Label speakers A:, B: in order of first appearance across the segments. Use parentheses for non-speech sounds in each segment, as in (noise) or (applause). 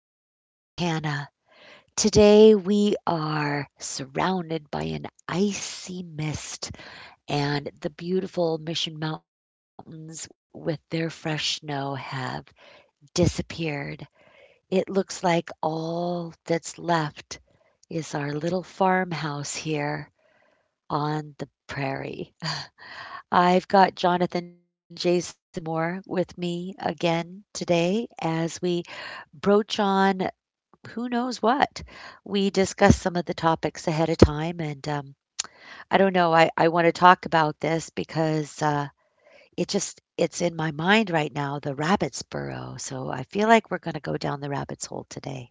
A: Charlotte, Montana. Today we are surrounded by an icy mist, and the beautiful Mission Mountains with their fresh snow have disappeared. It looks like all that's left is our little farmhouse here on the prairie. I've got Jonathan Jason Moore with me again today as we broach on who knows what. We discussed some of the topics ahead of time, and I don't know. I want to talk about this because it's in my mind right now, the rabbit's burrow. So I feel like we're going to go down the rabbit's hole today.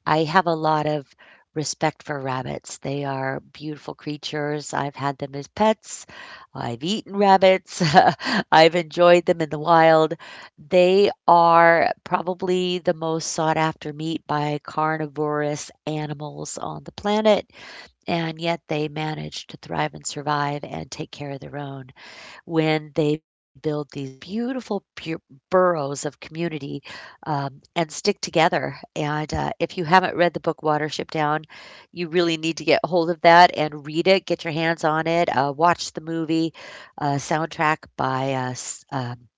A: I have a lot of respect for rabbits. They are beautiful creatures. I've had them as pets. I've eaten rabbits. (laughs) I've enjoyed them in the wild. They are probably the most sought after meat by carnivorous animals on the planet, and yet they manage to thrive and survive and take care of their own when they build these beautiful burrows of community and stick together. And If you haven't read the book Watership Down, you really need to get hold of that and read it, get your hands on it, watch the movie soundtrack by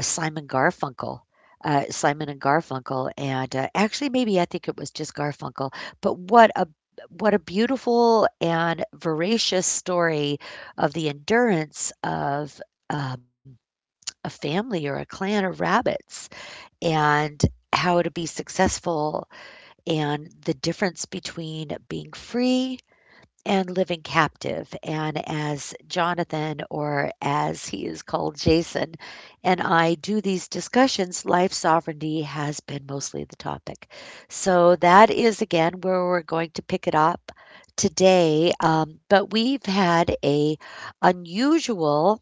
A: Simon Garfunkel, Simon and Garfunkel, and, actually, maybe I think it was just Garfunkel, but what a beautiful and voracious story of the endurance of, um, a family or a clan of rabbits and how to be successful and the difference between being free and living captive. And as Jonathan, or as he is called, Jason, and I do these discussions, life sovereignty has been mostly the topic. So that is again where we're going to pick it up today. But we've had a unusual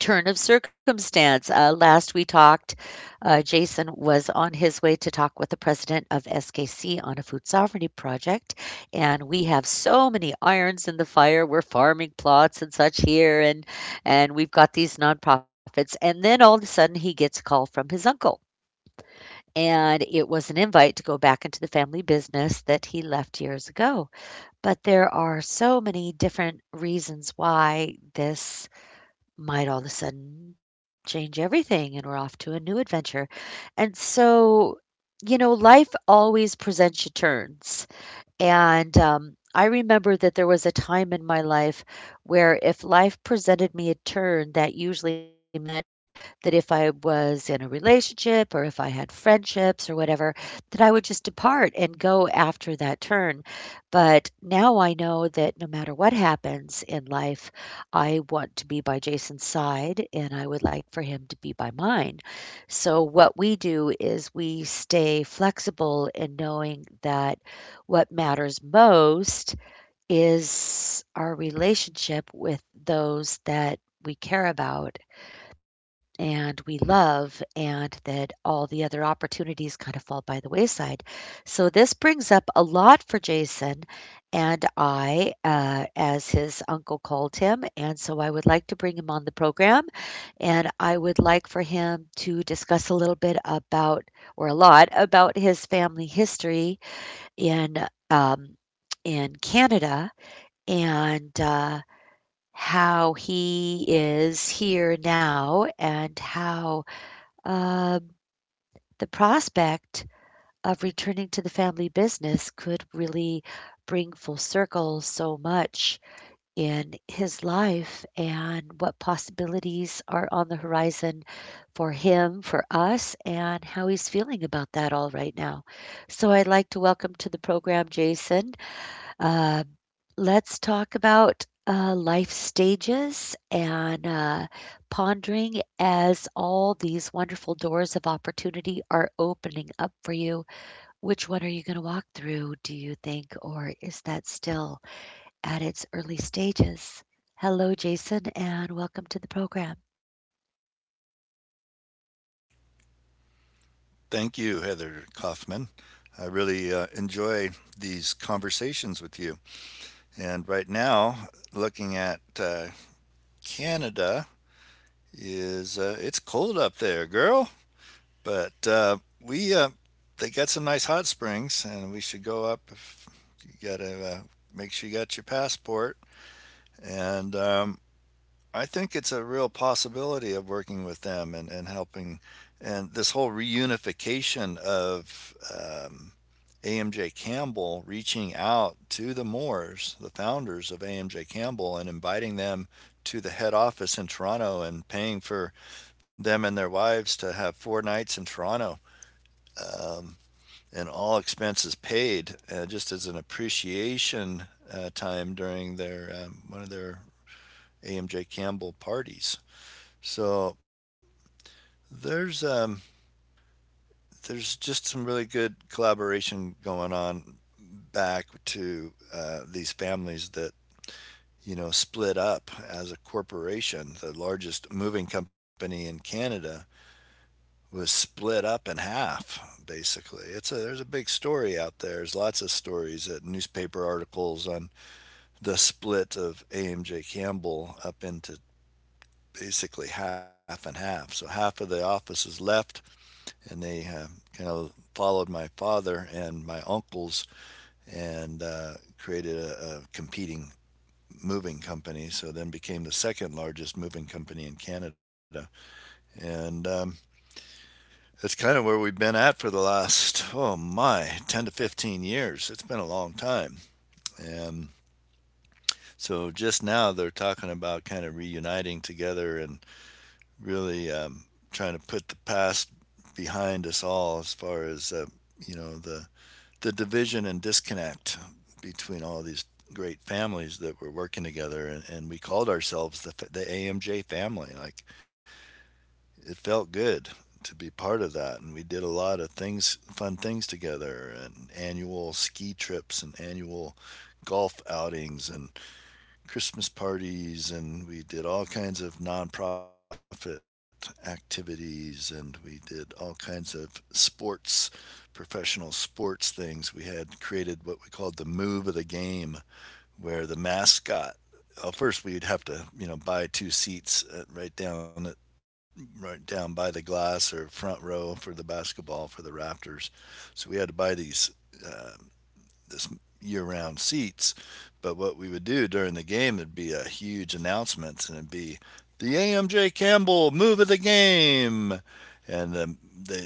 A: turn of circumstance. Last we talked, Jason was on his way to talk with the president of SKC on a food sovereignty project, and we have so many irons in the fire. We're farming plots and such here, and we've got these nonprofits. And then all of a sudden, he gets a call from his uncle, and it was an invite to go back into the family business that he left years ago. But there are so many different reasons why this might all of a sudden change everything and we're off to a new adventure. And so, you know, life always presents you turns. And, I remember that there was a time in my life where if life presented me a turn, that usually meant that if I was in a relationship or if I had friendships or whatever, that I would just depart and go after that turn. But now I know that no matter what happens in life, I want to be by Jason's side and I would like for him to be by mine. So, what we do is we stay flexible in knowing that what matters most is our relationship with those that we care about and we love, and that all the other opportunities kind of fall by the wayside. So, this brings up a lot for Jason and I, as his uncle called him. And so, I would like to bring him on the program and I would like for him to discuss a little bit about, or a lot, about his family history in, um, in Canada and, how he is here now and how, um, the prospect of returning to the family business could really bring full circle so much in his life and what possibilities are on the horizon for him, for us, and how he's feeling about that all right now. So I'd like to welcome to the program Jason. Um Let's talk about life stages and pondering as all these wonderful doors of opportunity are opening up for you. Which one are you going to walk through, do you think, or is that still at its early stages? Hello, Jason, and welcome to the program.
B: Thank you, Heather Kaufman. I really enjoy these conversations with you. And right now, looking at Canada, is it's cold up there, girl. But we they got some nice hot springs, and we should go up. If you gotta make sure you got your passport. And I think it's a real possibility of working with them and helping. And this whole reunification of AMJ Campbell reaching out to the Moores, the founders of AMJ Campbell, and inviting them to the head office in Toronto and paying for them and their wives to have four nights in Toronto um, and all expenses paid, just as an appreciation time during their one of their AMJ Campbell parties. So there's um, there's just some really good collaboration going on back to these families that, you know, split up as a corporation. The largest moving company in Canada was split up in half, basically. It's a There's a big story out there. There's lots of stories at newspaper articles on the split of AMJ Campbell up into basically half and half. So half of the offices left, and they kind of followed my father and my uncles and created a competing moving company, so then became the second largest moving company in Canada. And it's kind of where we've been at for the last, oh my, 10 to 15 years. It's been a long time. And so just now they're talking about kind of reuniting together and really trying to put the past behind us all as far as, you know, the division and disconnect between all these great families that were working together, and we called ourselves the AMJ family. Like, it felt good to be part of that, and we did a lot of things fun things together, and annual ski trips and annual golf outings and Christmas parties, and we did all kinds of nonprofit activities, and we did all kinds of sports, professional sports things. We had created what we called the move of the game, where the mascot. Well, first we'd have to, you know, buy two seats at, right down at, right down by the glass or front row for the basketball, for the Raptors. So we had to buy these uh, this year-round seats. But what we would do during the game would be a huge announcement, and it'd be the AMJ Campbell move of the game, and they,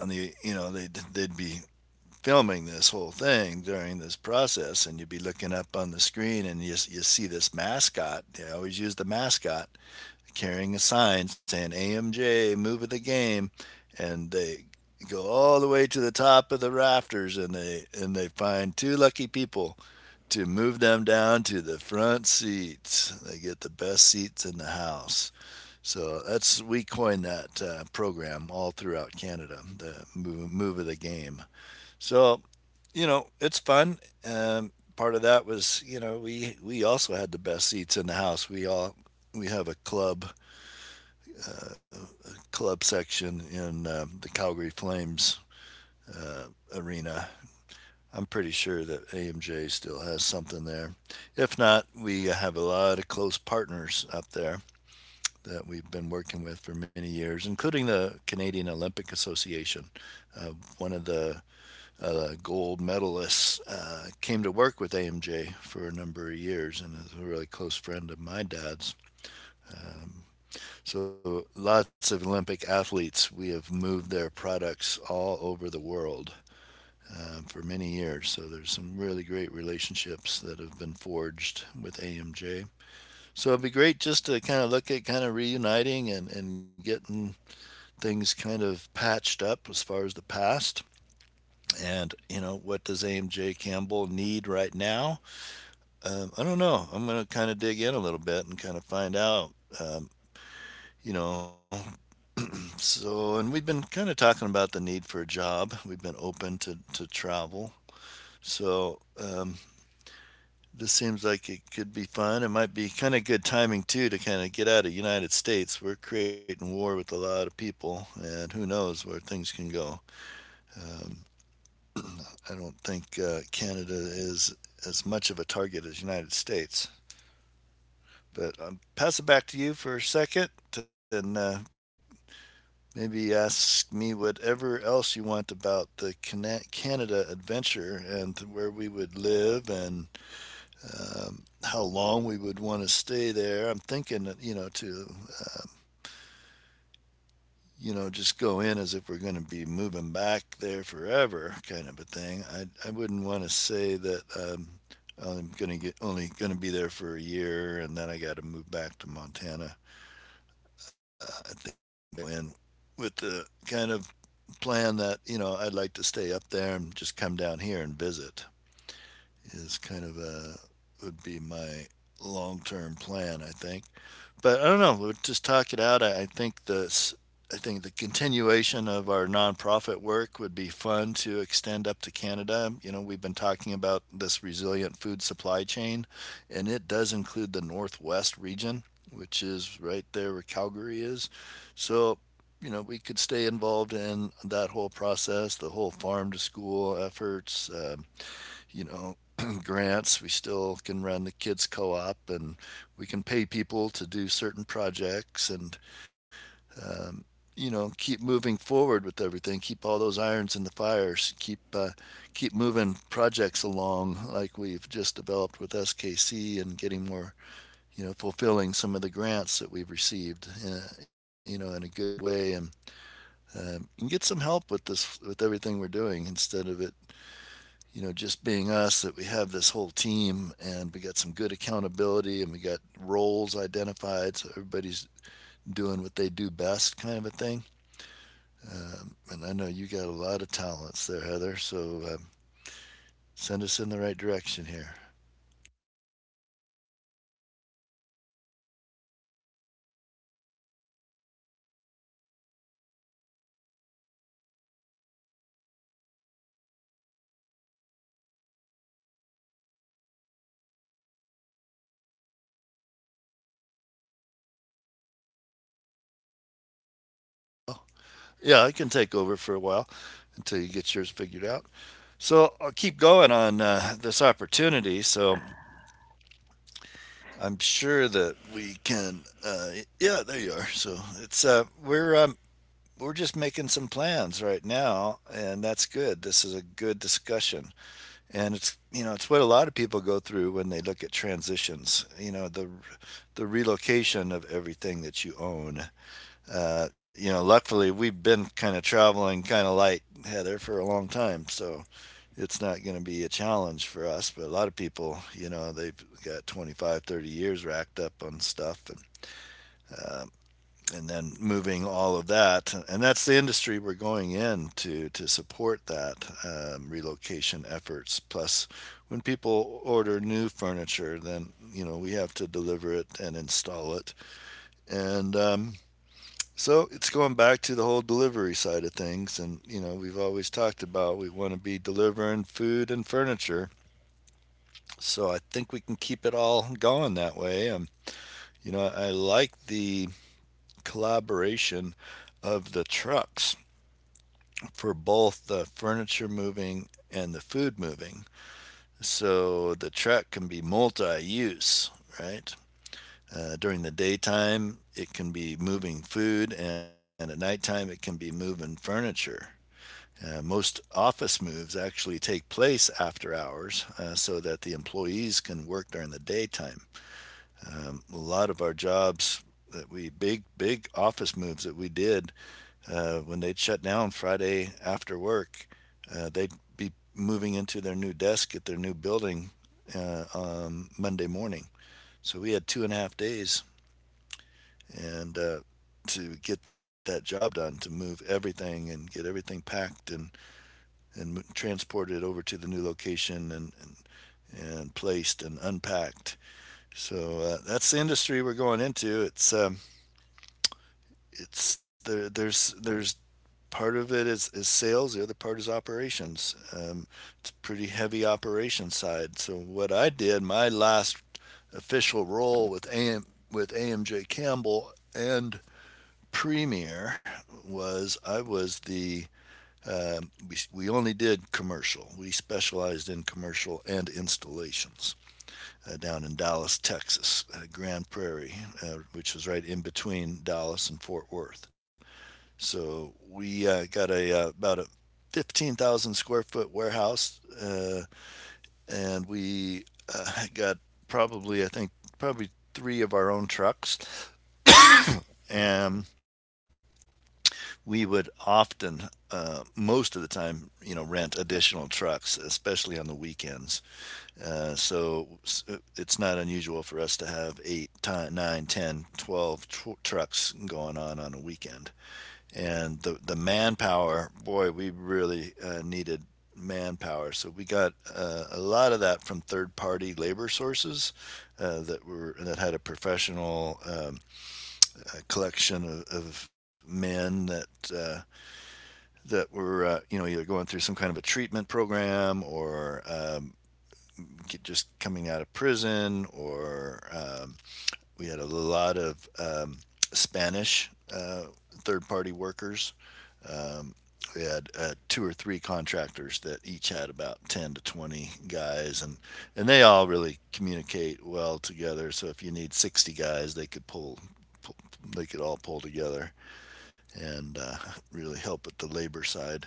B: on the, you know, they, they'd be filming this whole thing during this process, and you'd be looking up on the screen, and you see this mascot. They always use the mascot, carrying a sign saying AMJ, move of the game, and they go all the way to the top of the rafters, and they find two lucky people to move them down to the front seats. They get the best seats in the house. So that's, we coined that program all throughout Canada, the move of the game. So, you know, it's fun. Part of that was, you know, we also had the best seats in the house. We have a club section in the Calgary Flames uh, arena. I'm pretty sure that AMJ still has something there. If not, we have a lot of close partners up there that we've been working with for many years, including the Canadian Olympic Association. Uh, One of the gold medalists came to work with AMJ for a number of years and is a really close friend of my dad's. So lots of Olympic athletes, we have moved their products all over the world for many years. So there's some really great relationships that have been forged with AMJ. So it'd be great just to kind of look at kind of reuniting, and getting things kind of patched up as far as the past. And, you know, what does AMJ Campbell need right now? I don't know. I'm going to kind of dig in a little bit and kind of find out. Um, you know, So, and we've been kind of talking about the need for a job. We've been open to travel. So, this seems like it could be fun. It might be kind of good timing too, to kind of get out of United States. We're creating war with a lot of people, and who knows where things can go. Um, I don't think Canada is as much of a target as United States. But pass it back to you for a second, and maybe ask me whatever else you want about the Canada adventure and where we would live, and how long we would want to stay there. I'm thinking, you know, uh, you know, just go in as if we're going to be moving back there forever, kind of a thing. I wouldn't want to say that I'm going to get, only going to be there for a year, and then I got to move back to Montana. I think I'd go in with the kind of plan that, you know, I'd like to stay up there and just come down here and visit is kind of a, would be my long-term plan, I think. But I don't know. We'll just talk it out. I think this. I think the continuation of our nonprofit work would be fun to extend up to Canada. You know, we've been talking about this resilient food supply chain, and it does include the Northwest region, which is right there where Calgary is. So, you know, we could stay involved in that whole process, the whole farm to school efforts, you know, (clears throat) grants. We still can run the kids co-op, and we can pay people to do certain projects, and um, you know, keep moving forward with everything. Keep all those irons in the fires. Keep keep moving projects along, like we've just developed with SKC, and getting more, you know, fulfilling some of the grants that we've received, you know, in a good way, and get some help with this, with everything we're doing, instead of it, you know, just being us, that we have this whole team and we got some good accountability, and we got roles identified, so everybody's doing what they do best, kind of a thing. And I know you got a lot of talents there, Heather, so send us in the right direction here. Oh, yeah, I can take over for a while until you get yours figured out. So I'll keep going on this opportunity. So I'm sure that we can. Yeah, there you are. So it's we're just making some plans right now, and that's good. This is a good discussion, and it's, you know, it's what a lot of people go through when they look at transitions, you know, the relocation of everything that you own. You know, luckily, we've been kind of traveling kind of light, Heather, for a long time, so it's not going to be a challenge for us. But a lot of people, you know, they've got 25, 30 years racked up on stuff, uh, and then moving all of that, and that's the industry we're going in to support that, relocation efforts. Plus, when people order new furniture, then, you know, we have to deliver it and install it, and so it's going back to the whole delivery side of things. And, you know, we've always talked about we want to be delivering food and furniture, so I think we can keep it all going that way. You know, I like the collaboration of the trucks for both the furniture moving and the food moving. So the truck can be multi use, right? During the daytime, it can be moving food, and at nighttime, it can be moving furniture. Most office moves actually take place after hours, so that the employees can work during the daytime. A lot of our jobs that we, big office moves that we did, when they'd shut down Friday after work, they'd be moving into their new desk at their new building Monday morning. So we had 2.5 days, and to get that job done, to move everything and get everything packed, and transported over to the new location, and placed and unpacked. So that's the industry we're going into. It's there. There's part of it is sales. The other part is operations. It's a pretty heavy operation side. So what I did, my last official role with AM with AMJ Campbell and Premier, was I was the we only did commercial. We specialized in commercial and installations down in Dallas, Texas, Grand Prairie, which was right in between Dallas and Fort Worth. So we got a about a 15,000 square foot warehouse, and we uh, (laughs) got probably I think probably three of our own trucks, and we would often most of the time you know rent additional trucks, especially on the weekends. So it's not unusual for us to have eight, nine, ten, twelve trucks going on a weekend. And the manpower, boy, we really needed manpower, so we got a lot of that from third party labor sources that were that had a professional a collection of men that uh, that were you know either going through some kind of a treatment program or just coming out of prison, or we had a lot of Spanish uh, third party workers. um, we had two or three contractors that each had about 10 to 20 guys, and they all really communicate well together, so if you need 60 guys, they could pull, they could all pull together and (laughs) really help at the labor side.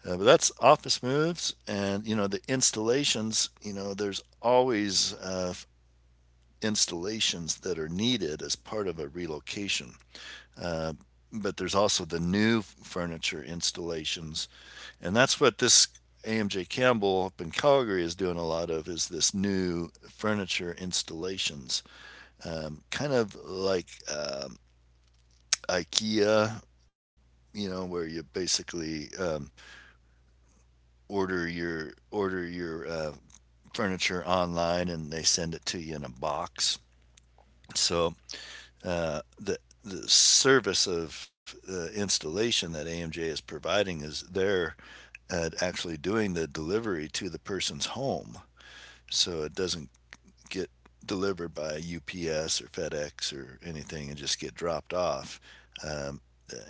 B: But that's office moves, and you know the installations, you know there's always installations that are needed as part of a relocation. Uh, but there's also the new furniture installations, and that's what this AMJ Campbell up in Calgary is doing a lot of, is this new furniture installations, kind of like um, IKEA, you know, where you basically order your furniture online and they send it to you in a box. So uh, the the service of installation that AMJ is providing is they're actually doing the delivery to the person's home. So it doesn't get delivered by UPS or FedEx or anything and just get dropped off. Um,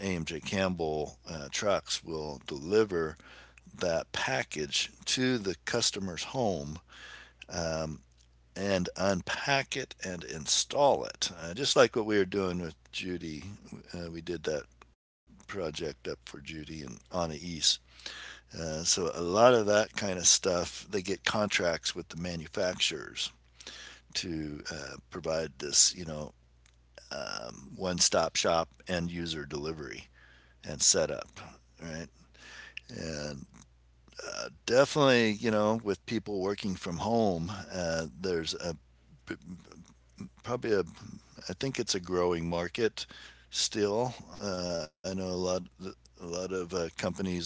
B: AMJ Campbell trucks will deliver that package to the customer's home, um, and unpack it and install it. Just like what we were doing with Judy, we did that project up for Judy and Anna East. So a lot of that kind of stuff, they get contracts with the manufacturers to provide this, you know, one-stop shop end user delivery and setup, right? And definitely, you know, with people working from home, there's a probably a, I think it's a growing market still. I know a lot of companies are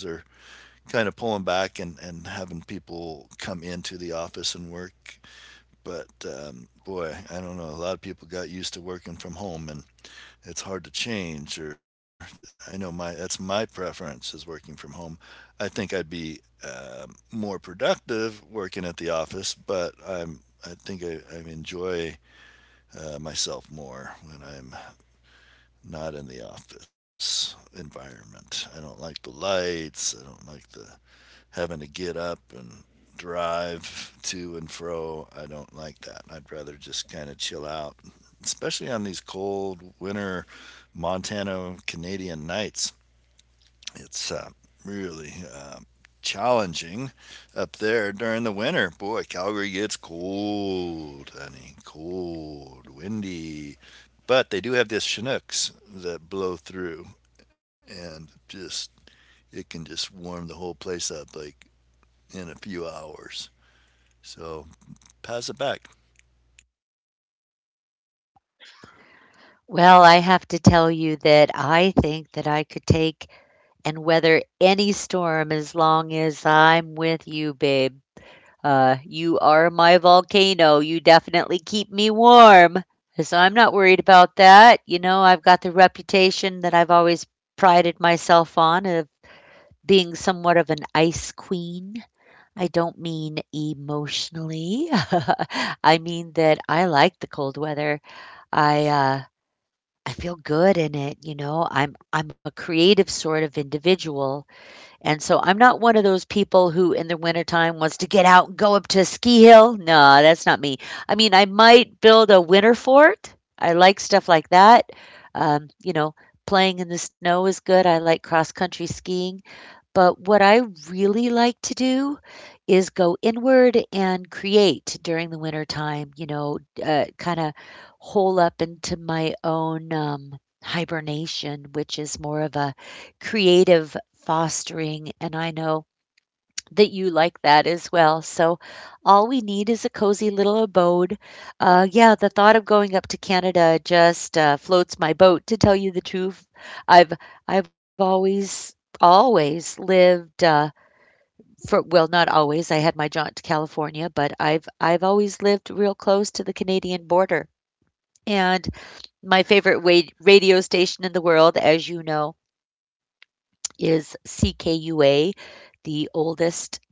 B: kind of pulling back and having people come into the office and work. But boy, I don't know. A lot of people got used to working from home, and it's hard to change. Or I know my that's my preference, is working from home. I think I'd be uh, more productive working at the office, but I think I enjoy myself more when I'm not in the office environment. I don't like the lights. I don't like the having to get up and drive to and fro. I don't like that. I'd rather just kind of chill out, especially on these cold winter Montana Canadian nights. It's really challenging up there during the winter. Boy, Calgary gets cold, honey, cold, windy. But they do have this Chinooks that blow through, and just it can just warm the whole place up like in a few hours. So pass it back.
A: Well, I have to tell you that I think that I could take and weather any storm as long as I'm with you, babe. You are my volcano. You definitely keep me warm. So I'm not worried about that. You know, I've got the reputation that I've always prided myself on of being somewhat of an ice queen. I don't mean emotionally. (laughs) I mean that I like the cold weather. I uh I feel good in it, you know. I'm a creative sort of individual. And so I'm not one of those people who in the wintertime wants to get out and go up to a ski hill. No, that's not me. I mean, I might build a winter fort. I like stuff like that. You know, playing in the snow is good. I like cross country skiing. But what I really like to do is go inward and create during the winter time, you know, kind of hole up into my own hibernation, which is more of a creative fostering. And I know that you like that as well. So all we need is a cozy little abode. Yeah, the thought of going up to Canada just floats my boat. To tell you the truth, I've I've always always lived for well, not always. I had my jaunt to California, but I've always lived real close to the Canadian border. And my favorite radio station in the world, as you know, is CKUA, the oldest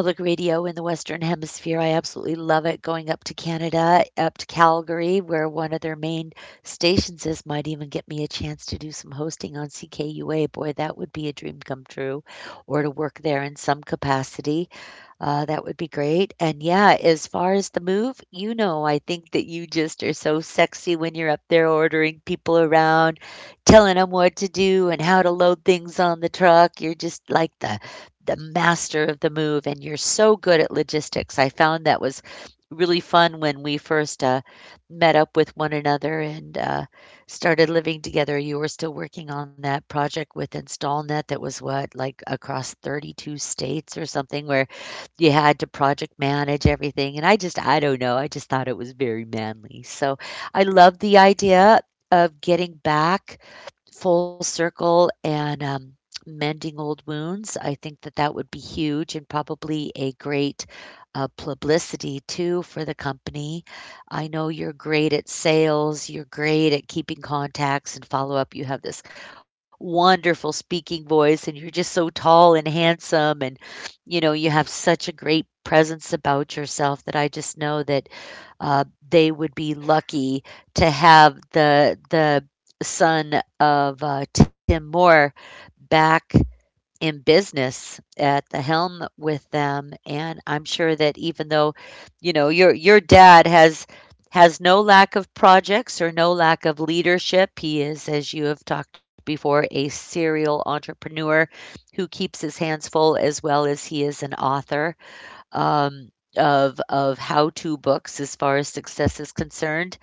A: public radio in the Western Hemisphere. I absolutely love it going up to Canada, up to Calgary, where one of their main stations is, might even get me a chance to do some hosting on CKUA. Boy, that would be a dream come true, or to work there in some capacity. That would be great. And yeah, as far as the move, you know, I think that you just are so sexy when you're up there ordering people around, telling them what to do and how to load things on the truck. You're just like the master of the move, and you're so good at logistics. I found that was really fun when we first met up with one another and started living together. You were still working on that project with InstallNet that was what, like across 32 states or something, where you had to project manage everything, and I don't know, I just thought it was very manly. So, I love the idea of getting back full circle and mending old wounds. I think that that would be huge and probably a great publicity too for the company. I know you're great at sales, you're great at keeping contacts and follow up. You have this wonderful speaking voice, and you're just so tall and handsome, and you know, you have such a great presence about yourself that I just know that they would be lucky to have the son of Tim Moore back in business at the helm with them. And I'm sure that even though, you know, your dad has no lack of projects or no lack of leadership. He is, as you have talked before, a serial entrepreneur who keeps his hands full as well as he is an author um, of how-to books as far as success is concerned.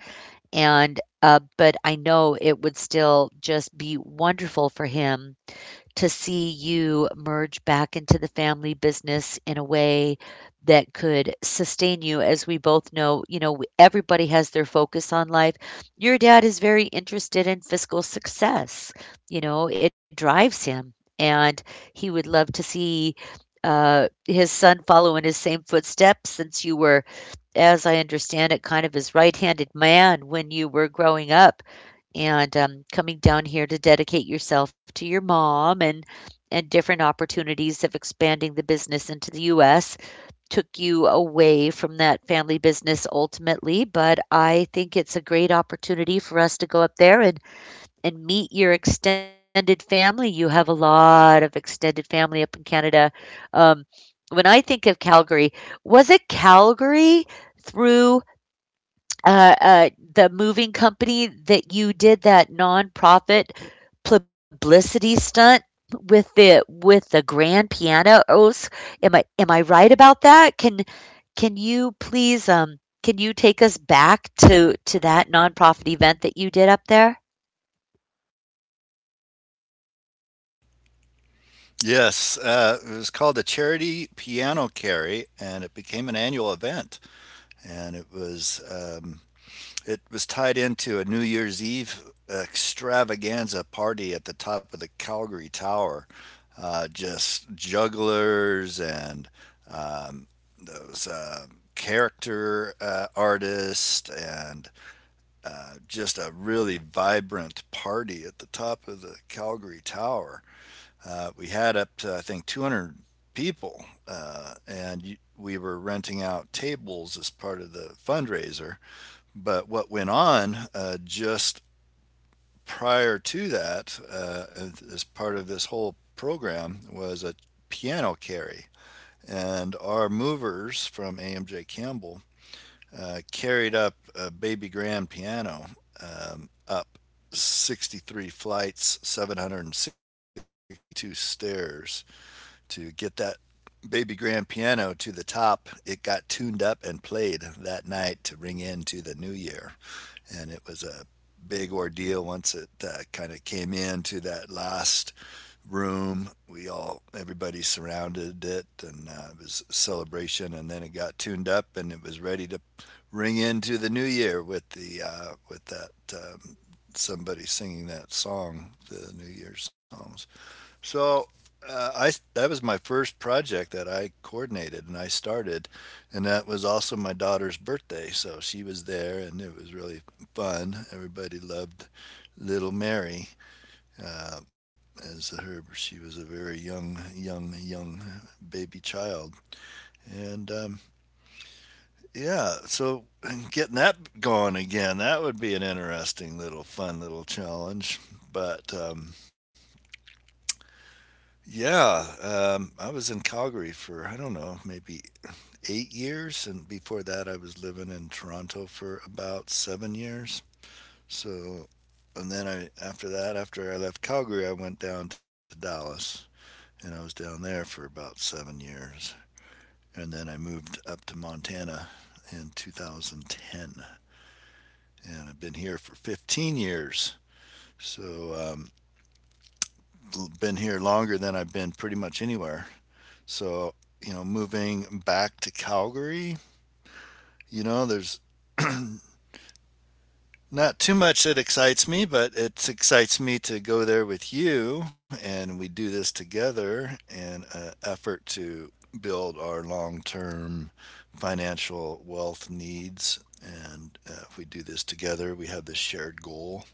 A: And but I know it would still just be wonderful for him to see you merge back into the family business in a way that could sustain you. As we both know, you know, everybody has their focus on life. Your dad is very interested in fiscal success. You know, it drives him. And he would love to see his son follow in his same footsteps since you were, as I understand it, kind of his right handed man when you were growing up and coming down here to dedicate yourself to your mom and different opportunities of expanding the business into the US took you away from that family business ultimately, but I think it's a great opportunity for us to go up there and meet your extended family. You have a lot of extended family up in Canada. Um, when I think of Calgary, was it Calgary through the moving company that you did that nonprofit publicity stunt with the grand pianos? Am I right about that? Can you please can you take us back to that nonprofit event that you did up there?
B: Yes, it was called the Charity Piano Carry, and it became an annual event. And it was tied into a New Year's Eve extravaganza party at the top of the Calgary Tower. Just jugglers and um, those character artists, and just a really vibrant party at the top of the Calgary Tower. We had up to, I think, 200 people, we were renting out tables as part of the fundraiser. But what went on just prior to that, as part of this whole program, was a piano carry. And our movers from AMJ Campbell carried up a baby grand piano up 63 flights, 762 stairs to get that baby grand piano to the top. It got tuned up and played that night to ring into the new year. And it was a big ordeal once it kind of came into that last room. We all, everybody surrounded it, and it was a celebration. And then it got tuned up and it was ready to ring into the new year with the, with that, somebody singing that song, the new year songs. So I that was my first project that I coordinated and I started, and that was also my daughter's birthday. So she was there, and it was really fun. Everybody loved Little Mary. Uh, as her, she was a very young, young, young baby child, and yeah. So getting that going again, that would be an interesting little, fun little challenge. But yeah. I was in Calgary for, I don't know, maybe 8 years. And before that, I was living in Toronto for about 7 years. So, and then I, after that, after I left Calgary, I went down to Dallas, and I was down there for about 7 years. And then I moved up to Montana in 2010. And I've been here for 15 years. So, been here longer than I've been pretty much anywhere. So, you know, moving back to Calgary, you know, there's (clears throat) not too much that excites me, but it excites me to go there with you and we do this together in an effort to build our long term financial wealth needs. And if we do this together, we have this shared goal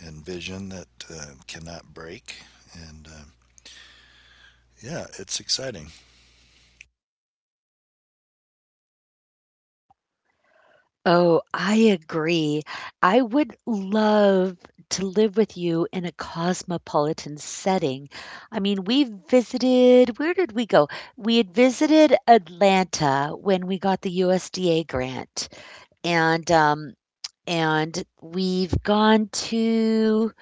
B: and vision that cannot break. And yeah, it's exciting.
A: Oh, I agree. I would love to live with you in a cosmopolitan setting. I mean, we visited, where did we go? We had visited Atlanta when we got the USDA grant. And um and we've gone to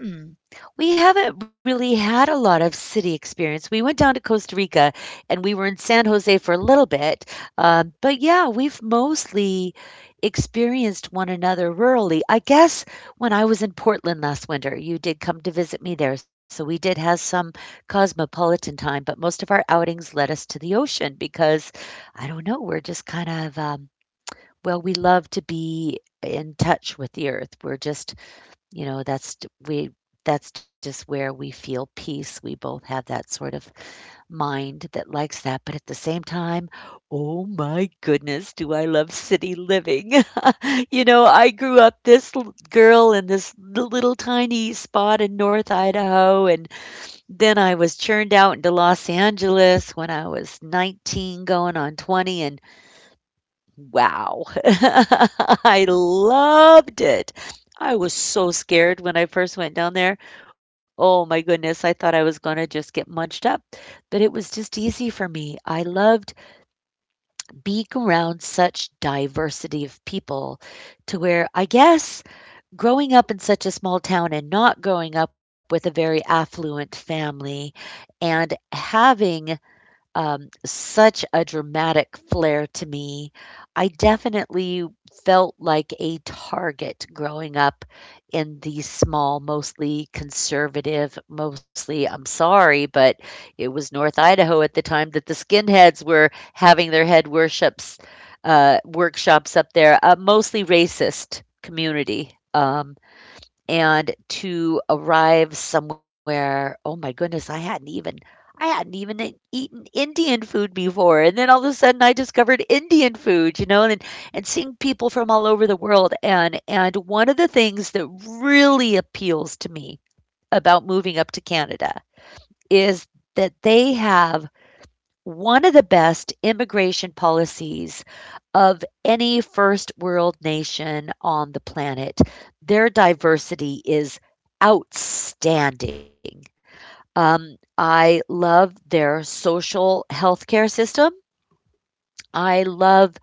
A: Hmm. We haven't really had a lot of city experience. We went down to Costa Rica and we were in San Jose for a little bit. But yeah, we've mostly experienced one another rurally. I guess when I was in Portland last winter, you did come to visit me there. So we did have some cosmopolitan time, but most of our outings led us to the ocean because I don't know, we're just kind of, well, we love to be in touch with the earth. We're just you know, that's t we that's just where we feel peace. We both have that sort of mind that likes that, but at the same time, oh my goodness, do I love city living. (laughs) You know, I grew up this l girl in this l little tiny spot in North Idaho, and then I was churned out into Los Angeles when I was 19 going on 20, and wow. (laughs) I loved it. I was so scared when I first went down there. Oh my goodness, I thought I was going to just get munched up, but it was just easy for me. I loved being around such diversity of people to where I guess growing up in such a small town and not growing up with a very affluent family and having such a dramatic flair to me. I definitely felt like a target growing up in these small, mostly conservative, mostly, I'm sorry, but it was North Idaho at the time that the skinheads were having their head worships, workshops up there, a mostly racist community. And to arrive somewhere oh my goodness I hadn't even eaten indian food before and then all of a sudden I discovered indian food, you know, and seeing people from all over the world, and one of the things that really appeals to me about moving up to Canada is that they have one of the best immigration policies of any first world nation on the planet. Their diversity is outstanding. I love their social healthcare system. I love,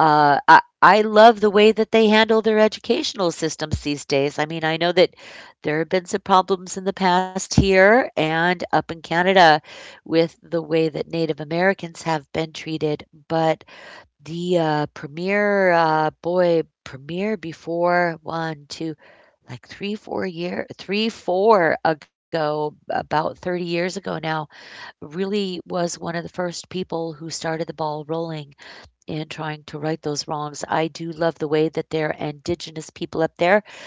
A: I love the way that they handle their educational systems these days. I mean, I know that there have been some problems in the past here and up in Canada with the way that Native Americans have been treated, but the premier, boy, premier before one, two, like three, 4 year, three, four ago, about 30 years ago now, really was one of the first people who started the ball rolling in trying to right those wrongs. I do love the way that their indigenous people up there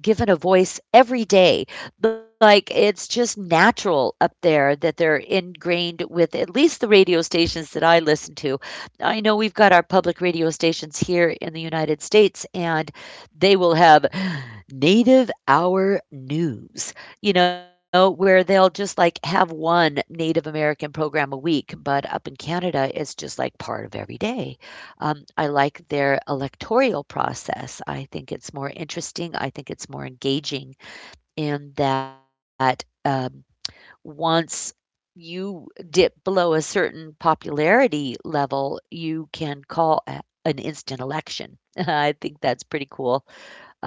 A: are given a voice every day. Like it's just natural up there that they're ingrained with at least the radio stations that I listen to. I know we've got our public radio stations here in the United States, and they will have Native Hour News, you know, where they'll just like have one Native American program a week. But up in Canada, it's just like part of every day. I like their electoral process. I think it's more interesting. I think it's more engaging in that once you dip below a certain popularity level, you can call an instant election. (laughs) I think that's pretty cool.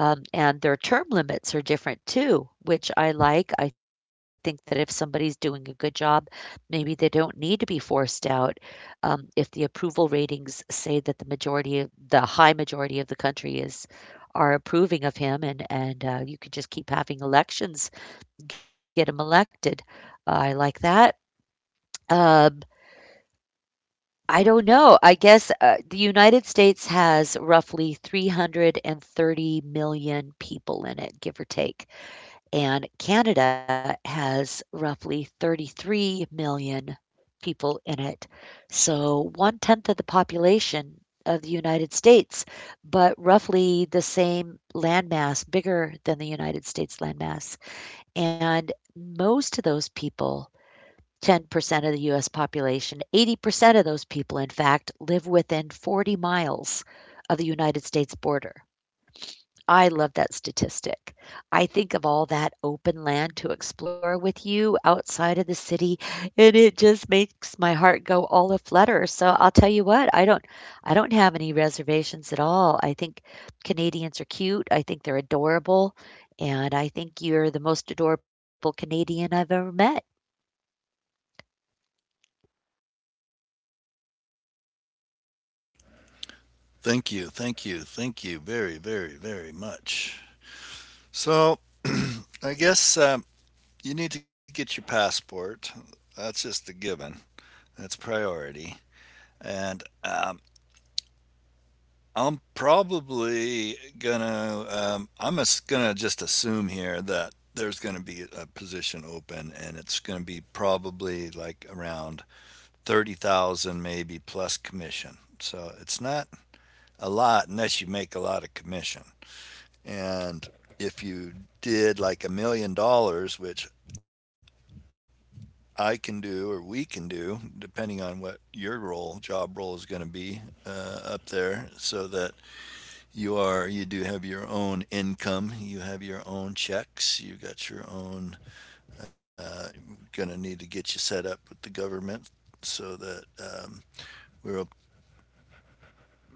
A: And their term limits are different too, which I like. I think that if somebody's doing a good job, maybe they don't need to be forced out. If the approval ratings say that the majority of the high majority of the country is are approving of him, and you could just keep having elections, get him elected. I like that. Um, I don't know. I guess the United States has roughly 330 million people in it, give or take, and Canada has roughly 33 million people in it. So one tenth of the population of the United States, but roughly the same landmass, bigger than the United States landmass. And most of those people, 10% of the US population, 80% of those people, in fact, live within 40 miles of the United States border. I love that statistic. I think of all that open land to explore with you outside of the city, and it just makes my heart go all aflutter. So I'll tell you what, I don't have any reservations at all. I think Canadians are cute. I think they're adorable, and I think you're the most adorable Canadian I've ever met.
B: Thank you, thank you, thank you very, very, very much. So I guess you need to get your passport. That's just a given. That's priority. And I'm probably gonna. I'm as- gonna just assume here that there's gonna be a position open, and it's gonna be probably like around 30,000, maybe plus commission. So it's not a lot unless you make a lot of commission. And if you did like $1 million, which I can do or we can do, depending on what your job role is going to be up there, so that you are, you do have your own income, you have your own checks, you got your own, uh, going to need to get you set up with the government so that we're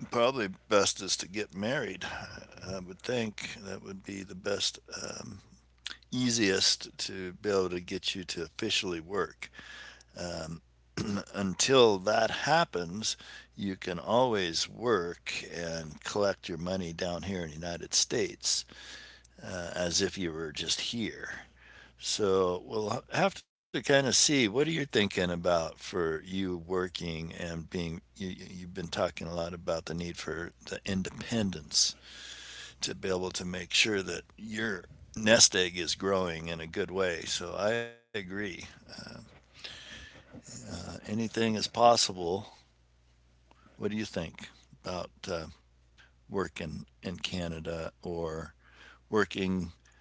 B: probably best is to get married. I would think that would be the best, easiest to be able to get you to officially work. Until that happens, you can always work and collect your money down here in the United States as if you were just here. So we'll have to kind of see. What are you thinking about for you working and being? You've been talking a lot about the need for the independence to be able to make sure that your nest egg is growing in a good way. So I agree. Anything is possible. What do you think about in Canada or working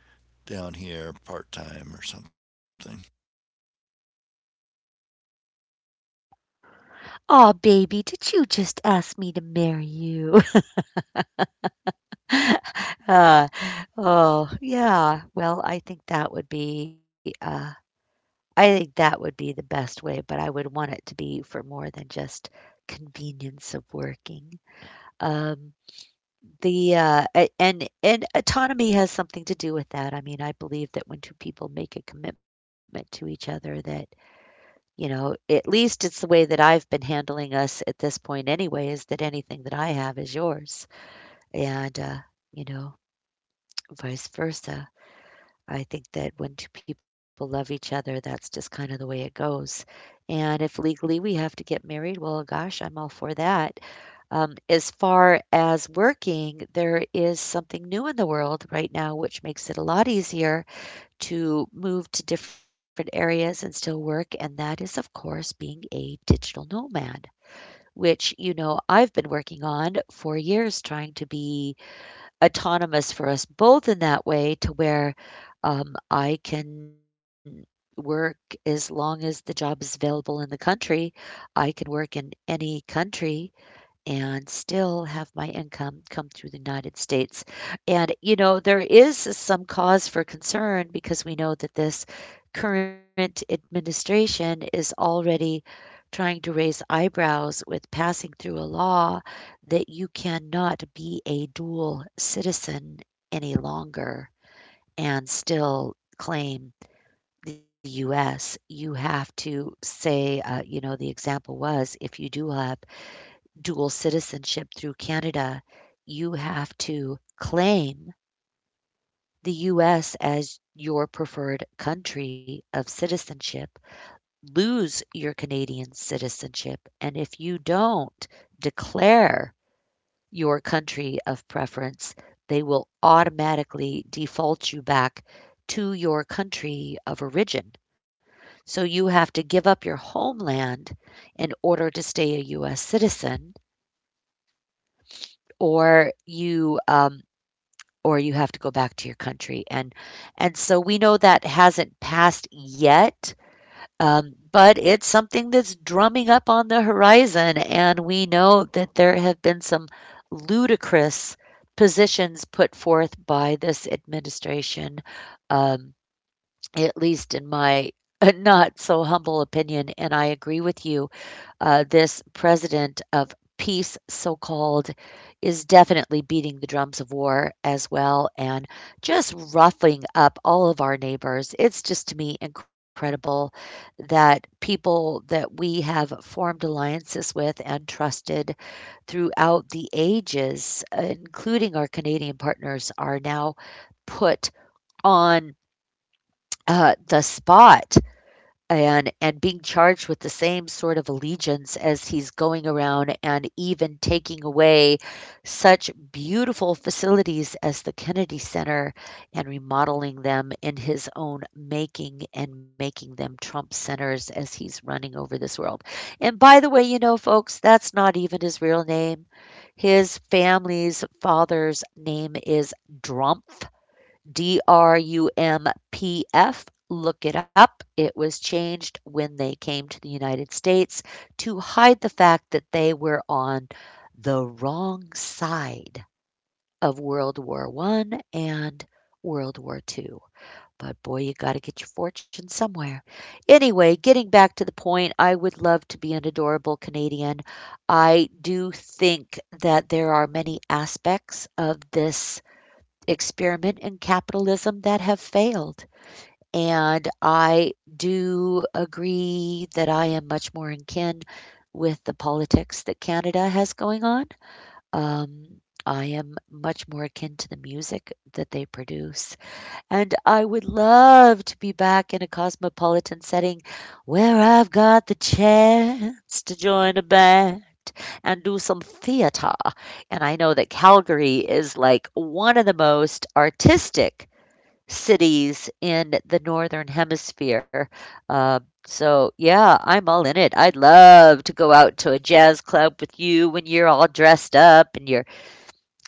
B: down here part time or something?
A: Aw, baby, did you just ask me to marry you? (laughs) uh, oh, yeah. Well, I think that would be I think that would be the best way, but I would want it to be for more than just convenience of working. Um, the a- and autonomy has something to do with that. I mean, I believe that when two people make a commitment to each other, that you know, at least it's the way that I've been handling us at this point, anyway, is that anything that I have is yours, and you know, vice versa. I think that when two people love each other, that's just kind of the way it goes. And if legally we have to get married, well, gosh, I'm all for that. As far as working, there is something new in the world right now, which makes it a lot easier to move to different areas and still work. And that is, of course, being a digital nomad, which, you know, I've been working on for years trying to be autonomous for us both in that way to where I can work as long as the job is available in the country. I can work in any country and still have my income come through the United States. And, you know, there is some cause for concern because we know that this current administration is already trying to raise eyebrows with passing through a law that you cannot be a dual citizen any longer and still claim the US. You have to say, you know, the example was if you do have dual citizenship through Canada, you have to claim the U.S. as your preferred country of citizenship, lose your Canadian citizenship, and if you don't declare your country of preference, they will automatically default you back to your country of origin. So you have to give up your homeland in order to stay a U.S. citizen, or you um, or you have to go back to your country. And so we know that hasn't passed yet, but it's something that's drumming up on the horizon. And we know that there have been some ludicrous positions put forth by this administration, um, at least in my (laughs) not so humble opinion. And I agree with you, this president of peace, so called, is definitely beating the drums of war as well and just roughing up all of our neighbors. It's just to me incredible that people that we have formed alliances with and trusted throughout the ages, including our Canadian partners, are now put on. The spot and being charged with the same sort of allegiance as he's going around and even taking away such beautiful facilities as the Kennedy Center and remodeling them in his own making and making them Trump centers as he's running over this world. And by the way, you know folks, that's not even his real name. His family's father's name is Drumpf, D R U M P F. Look it up. It was changed when they came to the United States to hide the fact that they were on the wrong side of World War I and World War II. But boy, you got to get your fortune somewhere. Anyway, getting back to the point, I would love to be an adorable Canadian. I do think that there are many aspects of this experiment in capitalism that have failed. And I do agree that I am much more in kin with the politics that Canada has going on. I am much more akin to the music that they produce, and I would love to be back in a cosmopolitan setting where I've got the chance to join a band and do some theater. And I know that Calgary is like one of the most artistic cities in the Northern Hemisphere. Uh, so, yeah, I'm all in it. I'd love to go out to a jazz club with you when you're all dressed up and you're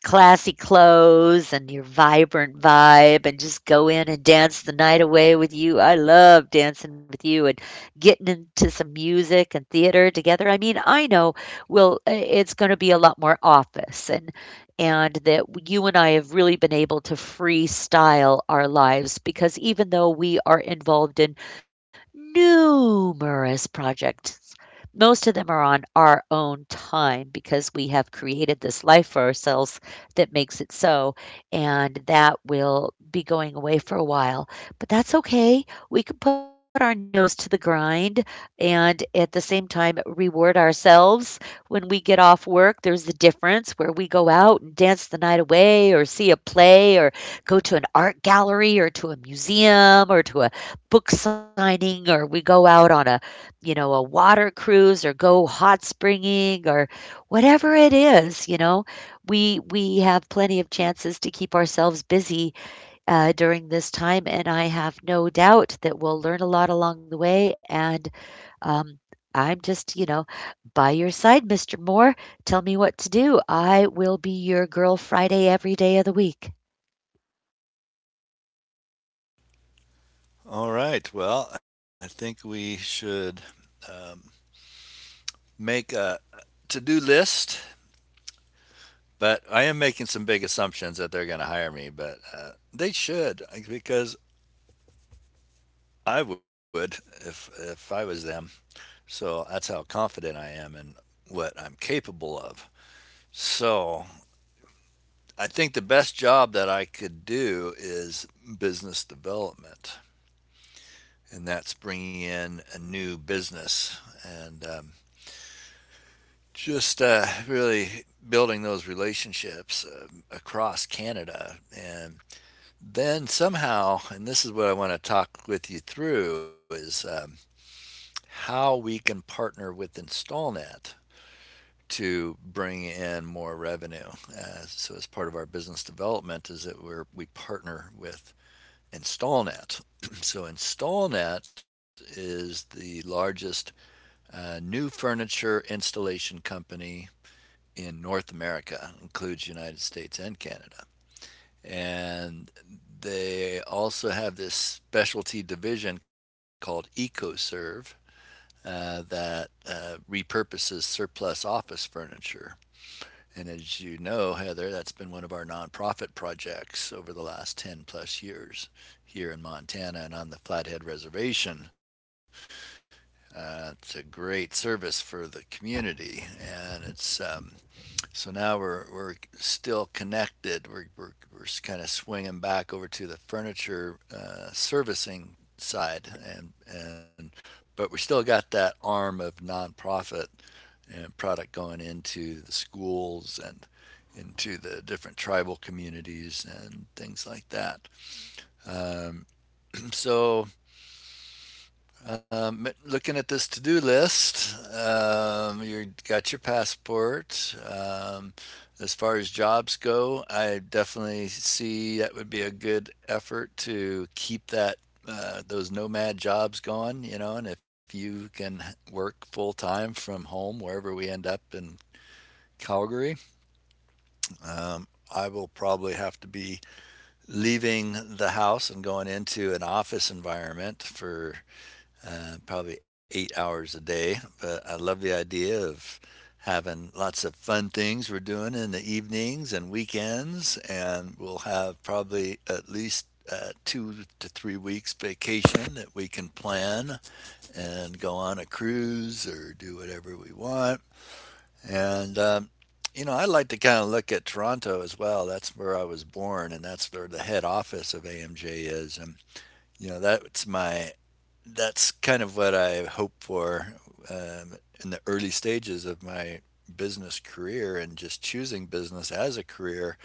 A: classy clothes and your vibrant vibe and just go in and dance the night away with you. I love dancing with you and getting into some music and theater together. I mean, I know we'll it's going to be a lot more office and that you and I have really been able to freestyle our lives, because even though we are involved in numerous projects, most of them are on our own time because we have created this life for ourselves that makes it so. And that will be going away for a while. But that's okay. We can put our nose to the grind and at the same time reward ourselves when we get off work. There's the difference, where we go out and dance the night away, or see a play, or go to an art gallery, or to a museum, or to a book signing, or we go out on a, a water cruise, or go hot springing, or whatever it is, we have plenty of chances to keep ourselves busy during this time, and I have no doubt that we'll learn a lot along the way. And um, I'm just, by your side, Mr. Moore. Tell me what to do. I will be your girl Friday every day of the week.
B: All right. Well, I think we should um, make a to do list, but I am making some big assumptions that they're going to hire me, but they should because I would if I was them. So that's how confident I am in what I'm capable of. So I think the best job that I could do is business development, and that's bringing in a new business and just really building those relationships across Canada. And then somehow, and this is what I want to talk with you through, is how we can partner with InstallNet to bring in more revenue. So as part of our business development, is that we partner with InstallNet. (clears throat) So InstallNet is the largest a new furniture installation company in North America, includes United States and Canada. And they also have this specialty division called EcoServe that repurposes surplus office furniture. And as you know, Heather, that's been one of our nonprofit projects over the last 10 plus years here in Montana and on the Flathead Reservation. It's a great service for the community, and it's so now we're still connected. We're kind of swinging back over to the furniture servicing side, and but we still got that arm of nonprofit and product going into the schools and into the different tribal communities and things like that. Um, (clears throat) so Looking at this to-do list, you got your passport. As far as jobs go, I definitely see that would be a good effort to keep that those nomad jobs going. You know, and if you can work full time from home, wherever we end up in Calgary, um, I will probably have to be leaving the house and going into an office environment for probably 8 hours a day. But I love the idea of having lots of fun things we're doing in the evenings and weekends. And we'll have probably at least 2 to 3 weeks vacation that we can plan and go on a cruise or do whatever we want. And, um, you know, I like to kind of look at Toronto as well. That's where I was born, and that's where the head office of AMJ is. And, you know, that's kind of what I hope for um, in the early stages of my business career and just choosing business as a career,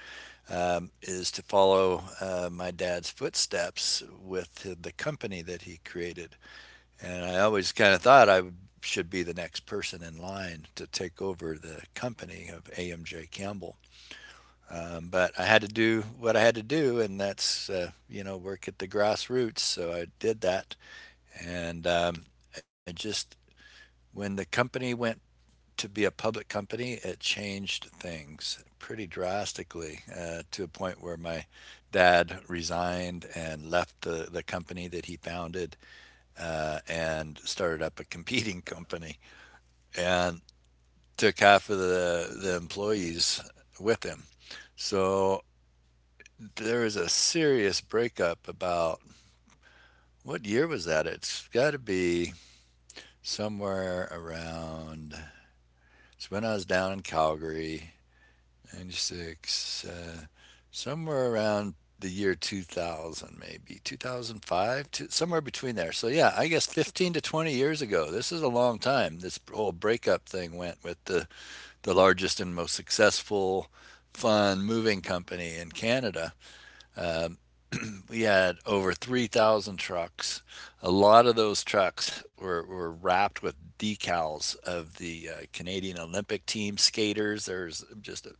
B: is to follow my dad's footsteps with the company that he created. And I always kind of thought I should be the next person in line to take over the company of AMJ Campbell. But I had to do what I had to do, and that's, you know, work at the grassroots. So I did that and it just when the company went to be a public company, it changed things pretty drastically to a point where my dad resigned and left the company that he founded and started up a competing (laughs) company and took half of the employees with him. So there was a serious breakup about what year was that? It's got to be somewhere around. So when I was down in Calgary, 96, somewhere around the year 2000, maybe 2005, to, somewhere between there. So yeah, I guess 15 to 20 years ago. This is a long time. This whole breakup thing went with the largest and most successful, fun moving company in Canada. We had over 3,000 trucks. A lot of those trucks were wrapped with decals of the Canadian Olympic team skaters.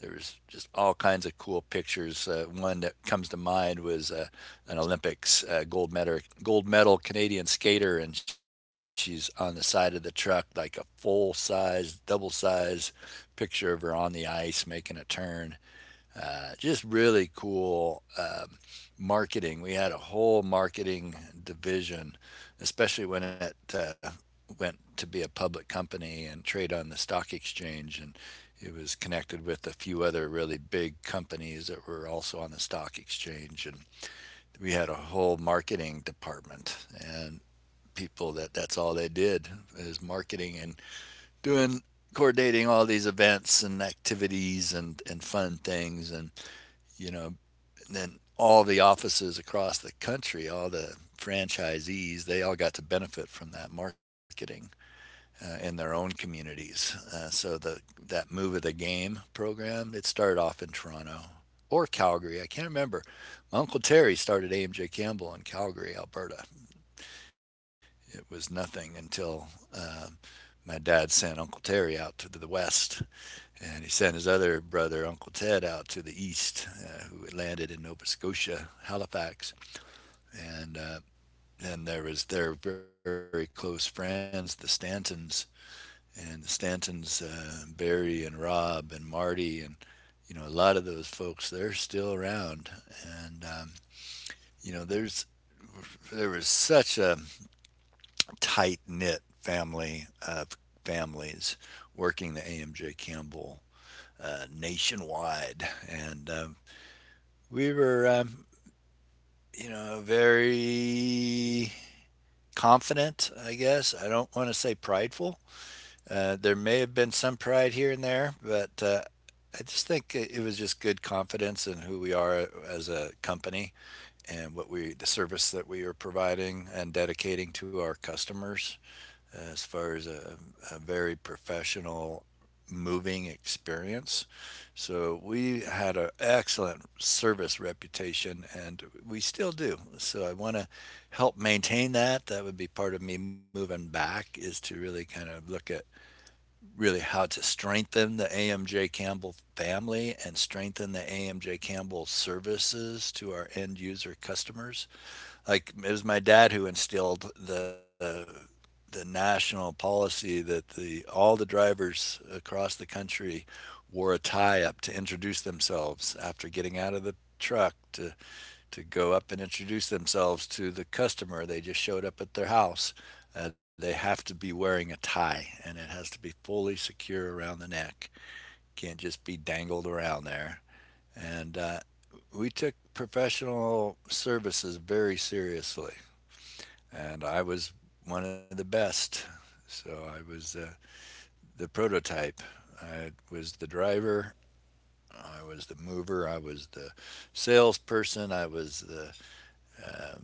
B: There's just all kinds of cool pictures. One that comes to mind was an Olympics gold medal Canadian skater, and she's on the side of the truck like a full size, double size picture of her on the ice making a turn. Just really cool marketing. We had a whole marketing division, especially when it went to be a public company and trade on the stock exchange. And it was connected with a few other really big companies that were also on the stock exchange. And we had a whole marketing department and people that that's all they did is marketing and doing coordinating all these events and activities and fun things, and you know, and then all the offices across the country, all the franchisees, they all got to benefit from that marketing in their own communities. So the that move of the game program, it started off in Toronto or Calgary. I can't remember. My uncle Terry started AMJ Campbell in Calgary, Alberta. It was nothing until my dad sent Uncle Terry out to the west, and he sent his other brother, Uncle Ted, out to the east, who landed in Nova Scotia, Halifax. And Then there was their very close friends, the Stantons, and the Stantons, Barry and Rob and Marty, and you know a lot of those folks. They're still around, and you know, there was such a tight knit family of families working the AMJ Campbell nationwide, and we were, you know, very confident, I guess. I don't want to say prideful. There may have been some pride here and there, but I just think it was just good confidence in who we are as a company and what we, the service that we are providing and dedicating to our customers as far as a very professional moving experience. So we had an excellent service reputation and we still do. So I want to help maintain that. That would be part of me moving back is to really kind of look at really how to strengthen the AMJ Campbell family and strengthen the AMJ Campbell services to our end user customers. Like it was my dad who instilled the national policy that the all the drivers across the country wore a tie up to introduce themselves after getting out of the truck to go up and introduce themselves to the customer. They just showed up at their house. They have to be wearing a tie, and it has to be fully secure around the neck. Can't just be dangled around there. And We took professional services very seriously, and I was one of the best. So I was, the prototype. I was the driver. I was the mover. I was the salesperson. I was the uh,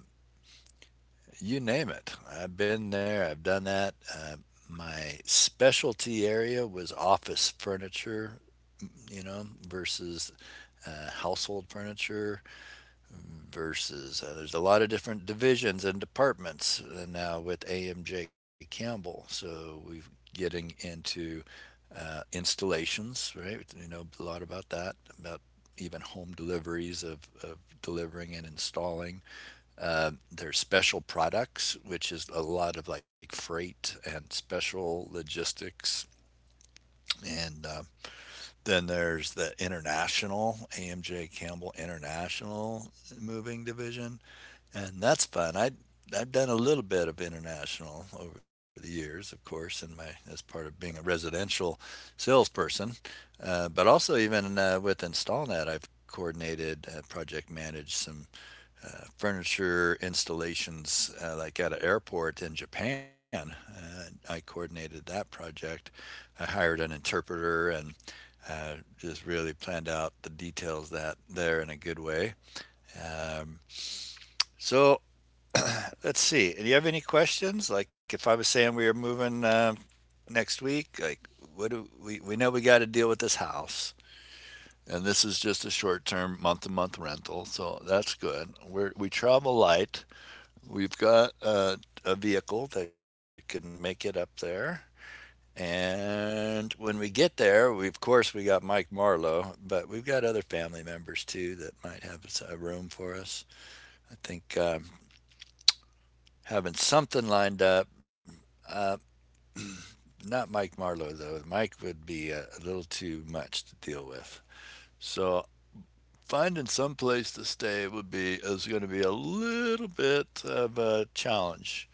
B: you name it. I've been there, I've done that. My specialty area was office furniture, you know, versus household furniture, versus there's a lot of different divisions and departments now with AMJ Campbell. So we're getting into installations, right? You know a lot about that, about even home deliveries of delivering and installing, there's special products, which is a lot of like freight and special logistics. And Then there's the international, AMJ Campbell International Moving Division. And that's fun. I've done a little bit of international over the years, of course, in my as part of being a residential salesperson, but also even with InstallNet, I've coordinated, project managed some furniture installations, like at an airport in Japan. I coordinated that project. I hired an interpreter and just really planned out the details that there in a good way. Um, so let's see. Do you have any questions? Like if I was saying we are moving next week, like what do we know we got to deal with this house, and this is just a short term month to month rental, so that's good. We travel light. We've got a vehicle that can make it up there. And when we get there, we, of course, we got Mike Marlowe, but we've got other family members too that might have a room for us. I think having something lined up, uh, not Mike Marlowe though. Mike would be a little too much to deal with. So finding some place to stay would be is going to be a little bit of a challenge.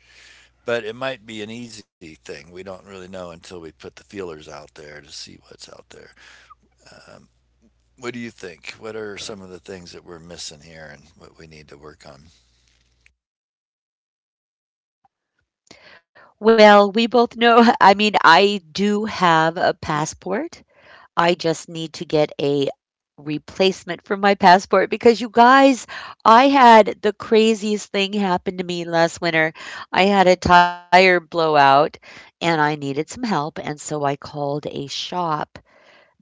B: But it might be an easy thing. We don't really know until we put the feelers out there to see what's out there. Um, what do you think? What are some of the things that we're missing here and what we need to work on?
A: Well, we both know. (laughs) I mean, I do have a passport. I just need to get a replacement for my passport, because, you guys, I had the craziest thing happen to me last winter. I had a tire blowout and I needed some help. And so I called a shop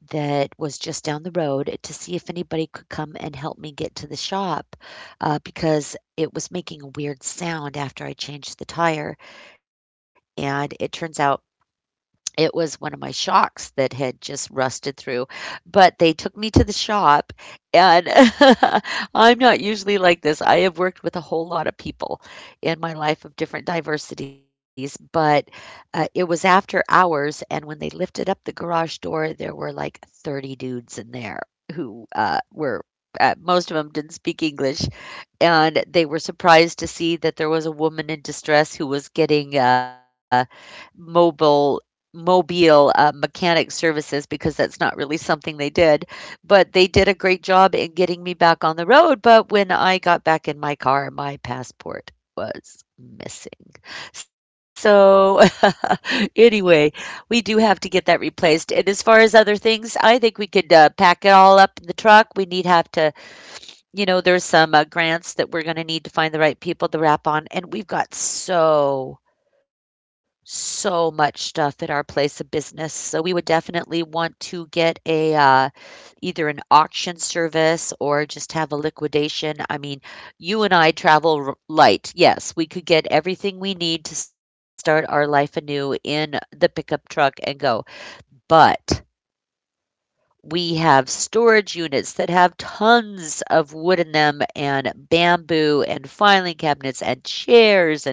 A: that was just down the road to see if anybody could come and help me get to the shop, because it was making a weird sound after I changed the tire. And it turns out it was one of my shocks that had just rusted through, but they took me to the shop and (laughs) I'm not usually like this. I have worked with a whole lot of people in my life of different diversities, but it was after hours, and when they lifted up the garage door, there were like 30 dudes in there who were. Most of them didn't speak English, and they were surprised to see that there was a woman in distress who was getting mobile mobile, mechanic services, because that's not really something they did. But they did a great job in getting me back on the road. But when I got back in my car, my passport was missing. So, (laughs) anyway, we do have to get that replaced. And as far as other things, I think we could pack it all up in the truck. We need have to, you know, there's some grants that we're going to need to find the right people to wrap on. And we've got so much stuff at our place of business. So we would definitely want to get a, either an auction service, or just have a liquidation. I mean, you and I travel light. Yes, we could get everything we need to start our life anew in the pickup truck and go. But we have storage units that have tons of wood in them, and bamboo, and filing cabinets, and chairs.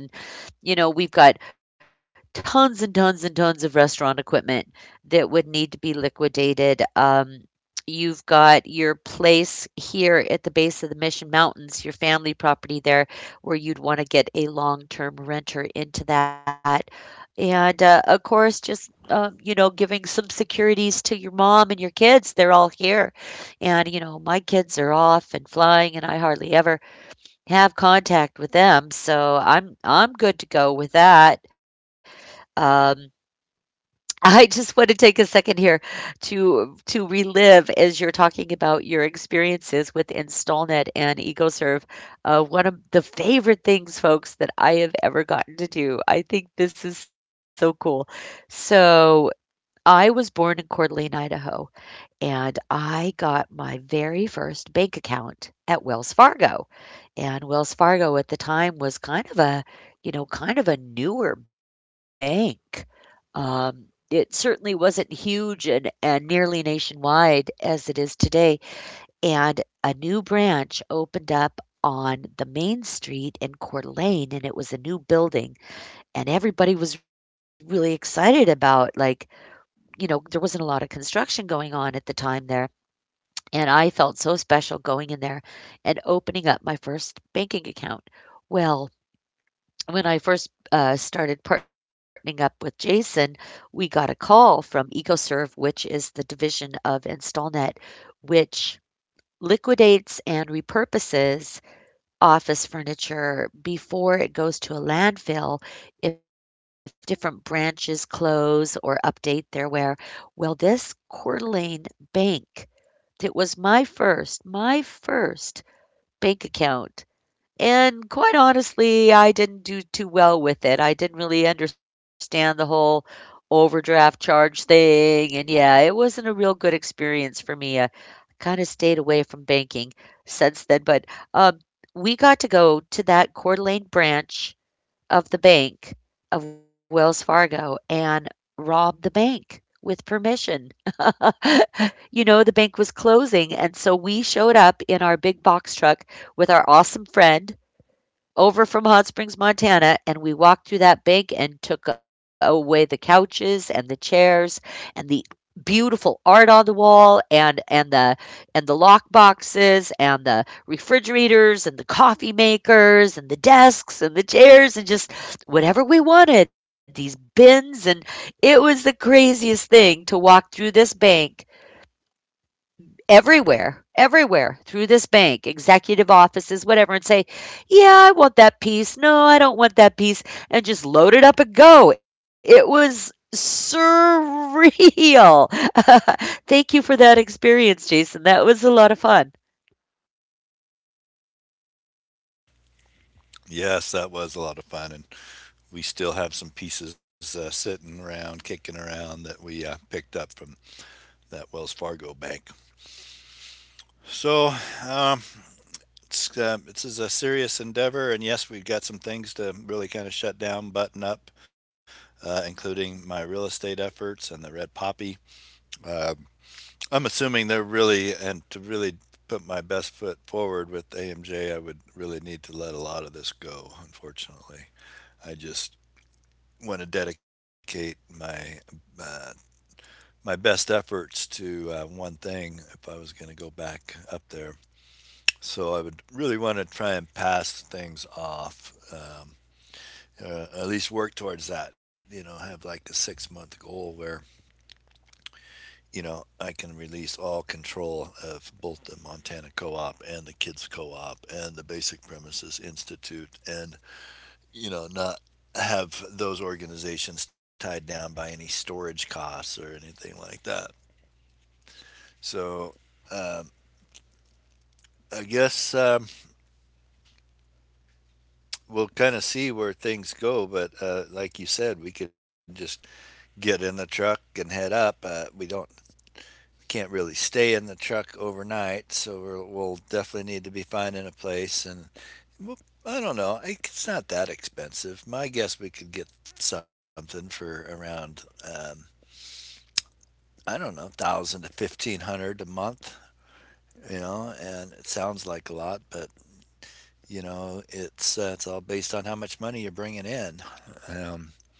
A: You know, we've got tons and tons and tons of restaurant equipment that would need to be liquidated. You've got your place here at the base of the Mission Mountains, your family property there, where you'd want to get a long term renter into that. And of course, just, you know, giving some securities to your mom and your kids. They're all here. And, you know, my kids are off and flying, and I hardly ever have contact with them, so I'm good to go with that. Um, (laughs) I just want to take a second here to relive as you're talking about your experiences with InstallNet and EcoServe. One of the favorite things, folks, that I have ever gotten to do. I think this is so cool. So I was born in Coeur d'Alene, Idaho, and I got my very first bank account at Wells Fargo. And Wells Fargo at the time was kind of a, you know, kind of a newer bank. It certainly wasn't huge and nearly nationwide as it is today. And a new branch opened up on the main street in Coeur d'Alene, and it was a new building. And everybody was really excited about, like, you know, there wasn't a lot of construction going on at the time there. And I felt so special going in there and opening up my first banking account. Well, when I first started partnering up with Jason, we got a call from EcoServe, which is the division of InstallNet, which liquidates and repurposes office furniture before it goes to a landfill if different branches close or update their wear. Well, this Coeur d'Alene bank, it was my first bank account, and quite honestly, I didn't do too well with it. I didn't really understand the whole overdraft charge thing, and yeah, it wasn't a real good experience for me. I kind of stayed away from banking since then, but um, we got to go to that Coeur d'Alene branch of the bank of Wells Fargo and robbed the bank with permission. (laughs) You know, the bank was closing. And so we showed up in our big box truck with our awesome friend over from Hot Springs, Montana, and we walked through that bank and took away the couches, and the chairs, and the beautiful art on the wall, and the and the lock boxes, and the refrigerators, and the coffee makers, and the desks, and the chairs, and just whatever we wanted, these bins, and it was the craziest thing to walk through this bank. Everywhere, everywhere through this bank, executive offices, whatever, and say, yeah, I want that piece. No, I don't want that piece. And just load it up and go. It was surreal. (laughs) Thank you for that experience, Jason. That was a lot of fun.
B: Yes, that was a lot of fun, and we still have some pieces sitting around, kicking around that we picked up from that Wells Fargo bank. So, um, it's, this is a serious endeavor, and yes, we've got some things to really kind of shut down, button up, including my real estate efforts and the red poppy. Uh, I'm assuming they're really, and to really put my best foot forward with AMJ, I would really need to let a lot of this go, unfortunately. I just want to dedicate my uh, my best efforts to one thing if I was going to go back up there. So I would really want to try and pass things off, at least work towards that. You know, have like a 6 month goal where you know, I can release all control of both the Montana Co-op and the Kids Co-op and the Basic Premises Institute, and you know, not have those organizations tied down by any storage costs or anything like that. So. Um, I guess um, we'll kind of see where things go, but like you said, we can just get in the truck and head up. We don't can't really stay in the truck overnight, so we'll definitely need to be finding a place and well, I don't know. It's not that expensive. My guess we could get something for around I don't know, 1,000 to 1,500 a month. You know, and it sounds like a lot, but you know, it's all based on how much money you're bringing in. Um,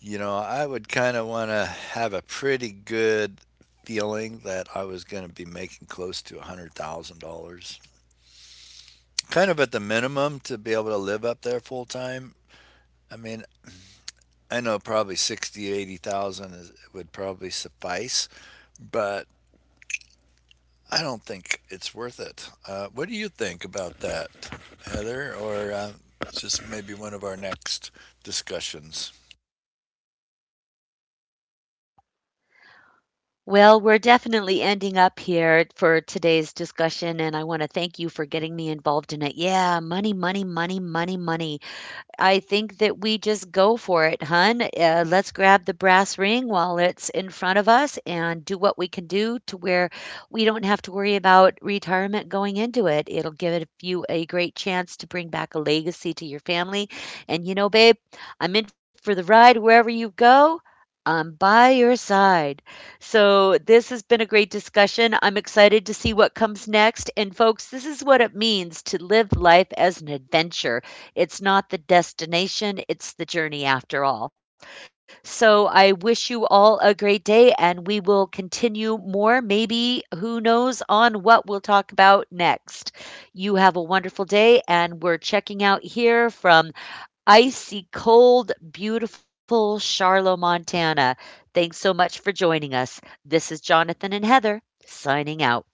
B: you know, I would kind of want to have a pretty good feeling that I was going to be making close to $100,000, kind of at the minimum to be able to live up there full time. I mean, I know probably 60, 80,000 is, would probably suffice, but I don't think it's worth it. What do you think about that, Heather? Or just maybe one of our next discussions?
A: Well, we're definitely ending up here for today's discussion, and I want to thank you for getting me involved in it. Yeah, money, money, money, money, money. I think that we just go for it, hun. Let's grab the brass ring while it's in front of us and do what we can do, to where we don't have to worry about retirement going into it. It'll you a great chance to bring back a legacy to your family. And you know, babe, I'm in for the ride wherever you go. I'm by your side. So, this has been a great discussion. I'm excited to see what comes next. And, folks, this is what it means to live life as an adventure. It's not the destination, it's the journey after all. So I wish you all a great day, and we will continue more, maybe, who knows, on what we'll talk about next. You have a wonderful day, and we're checking out here from icy cold, beautiful Charlotte, Montana. Thanks so much for joining us. This is Jonathan and Heather signing out.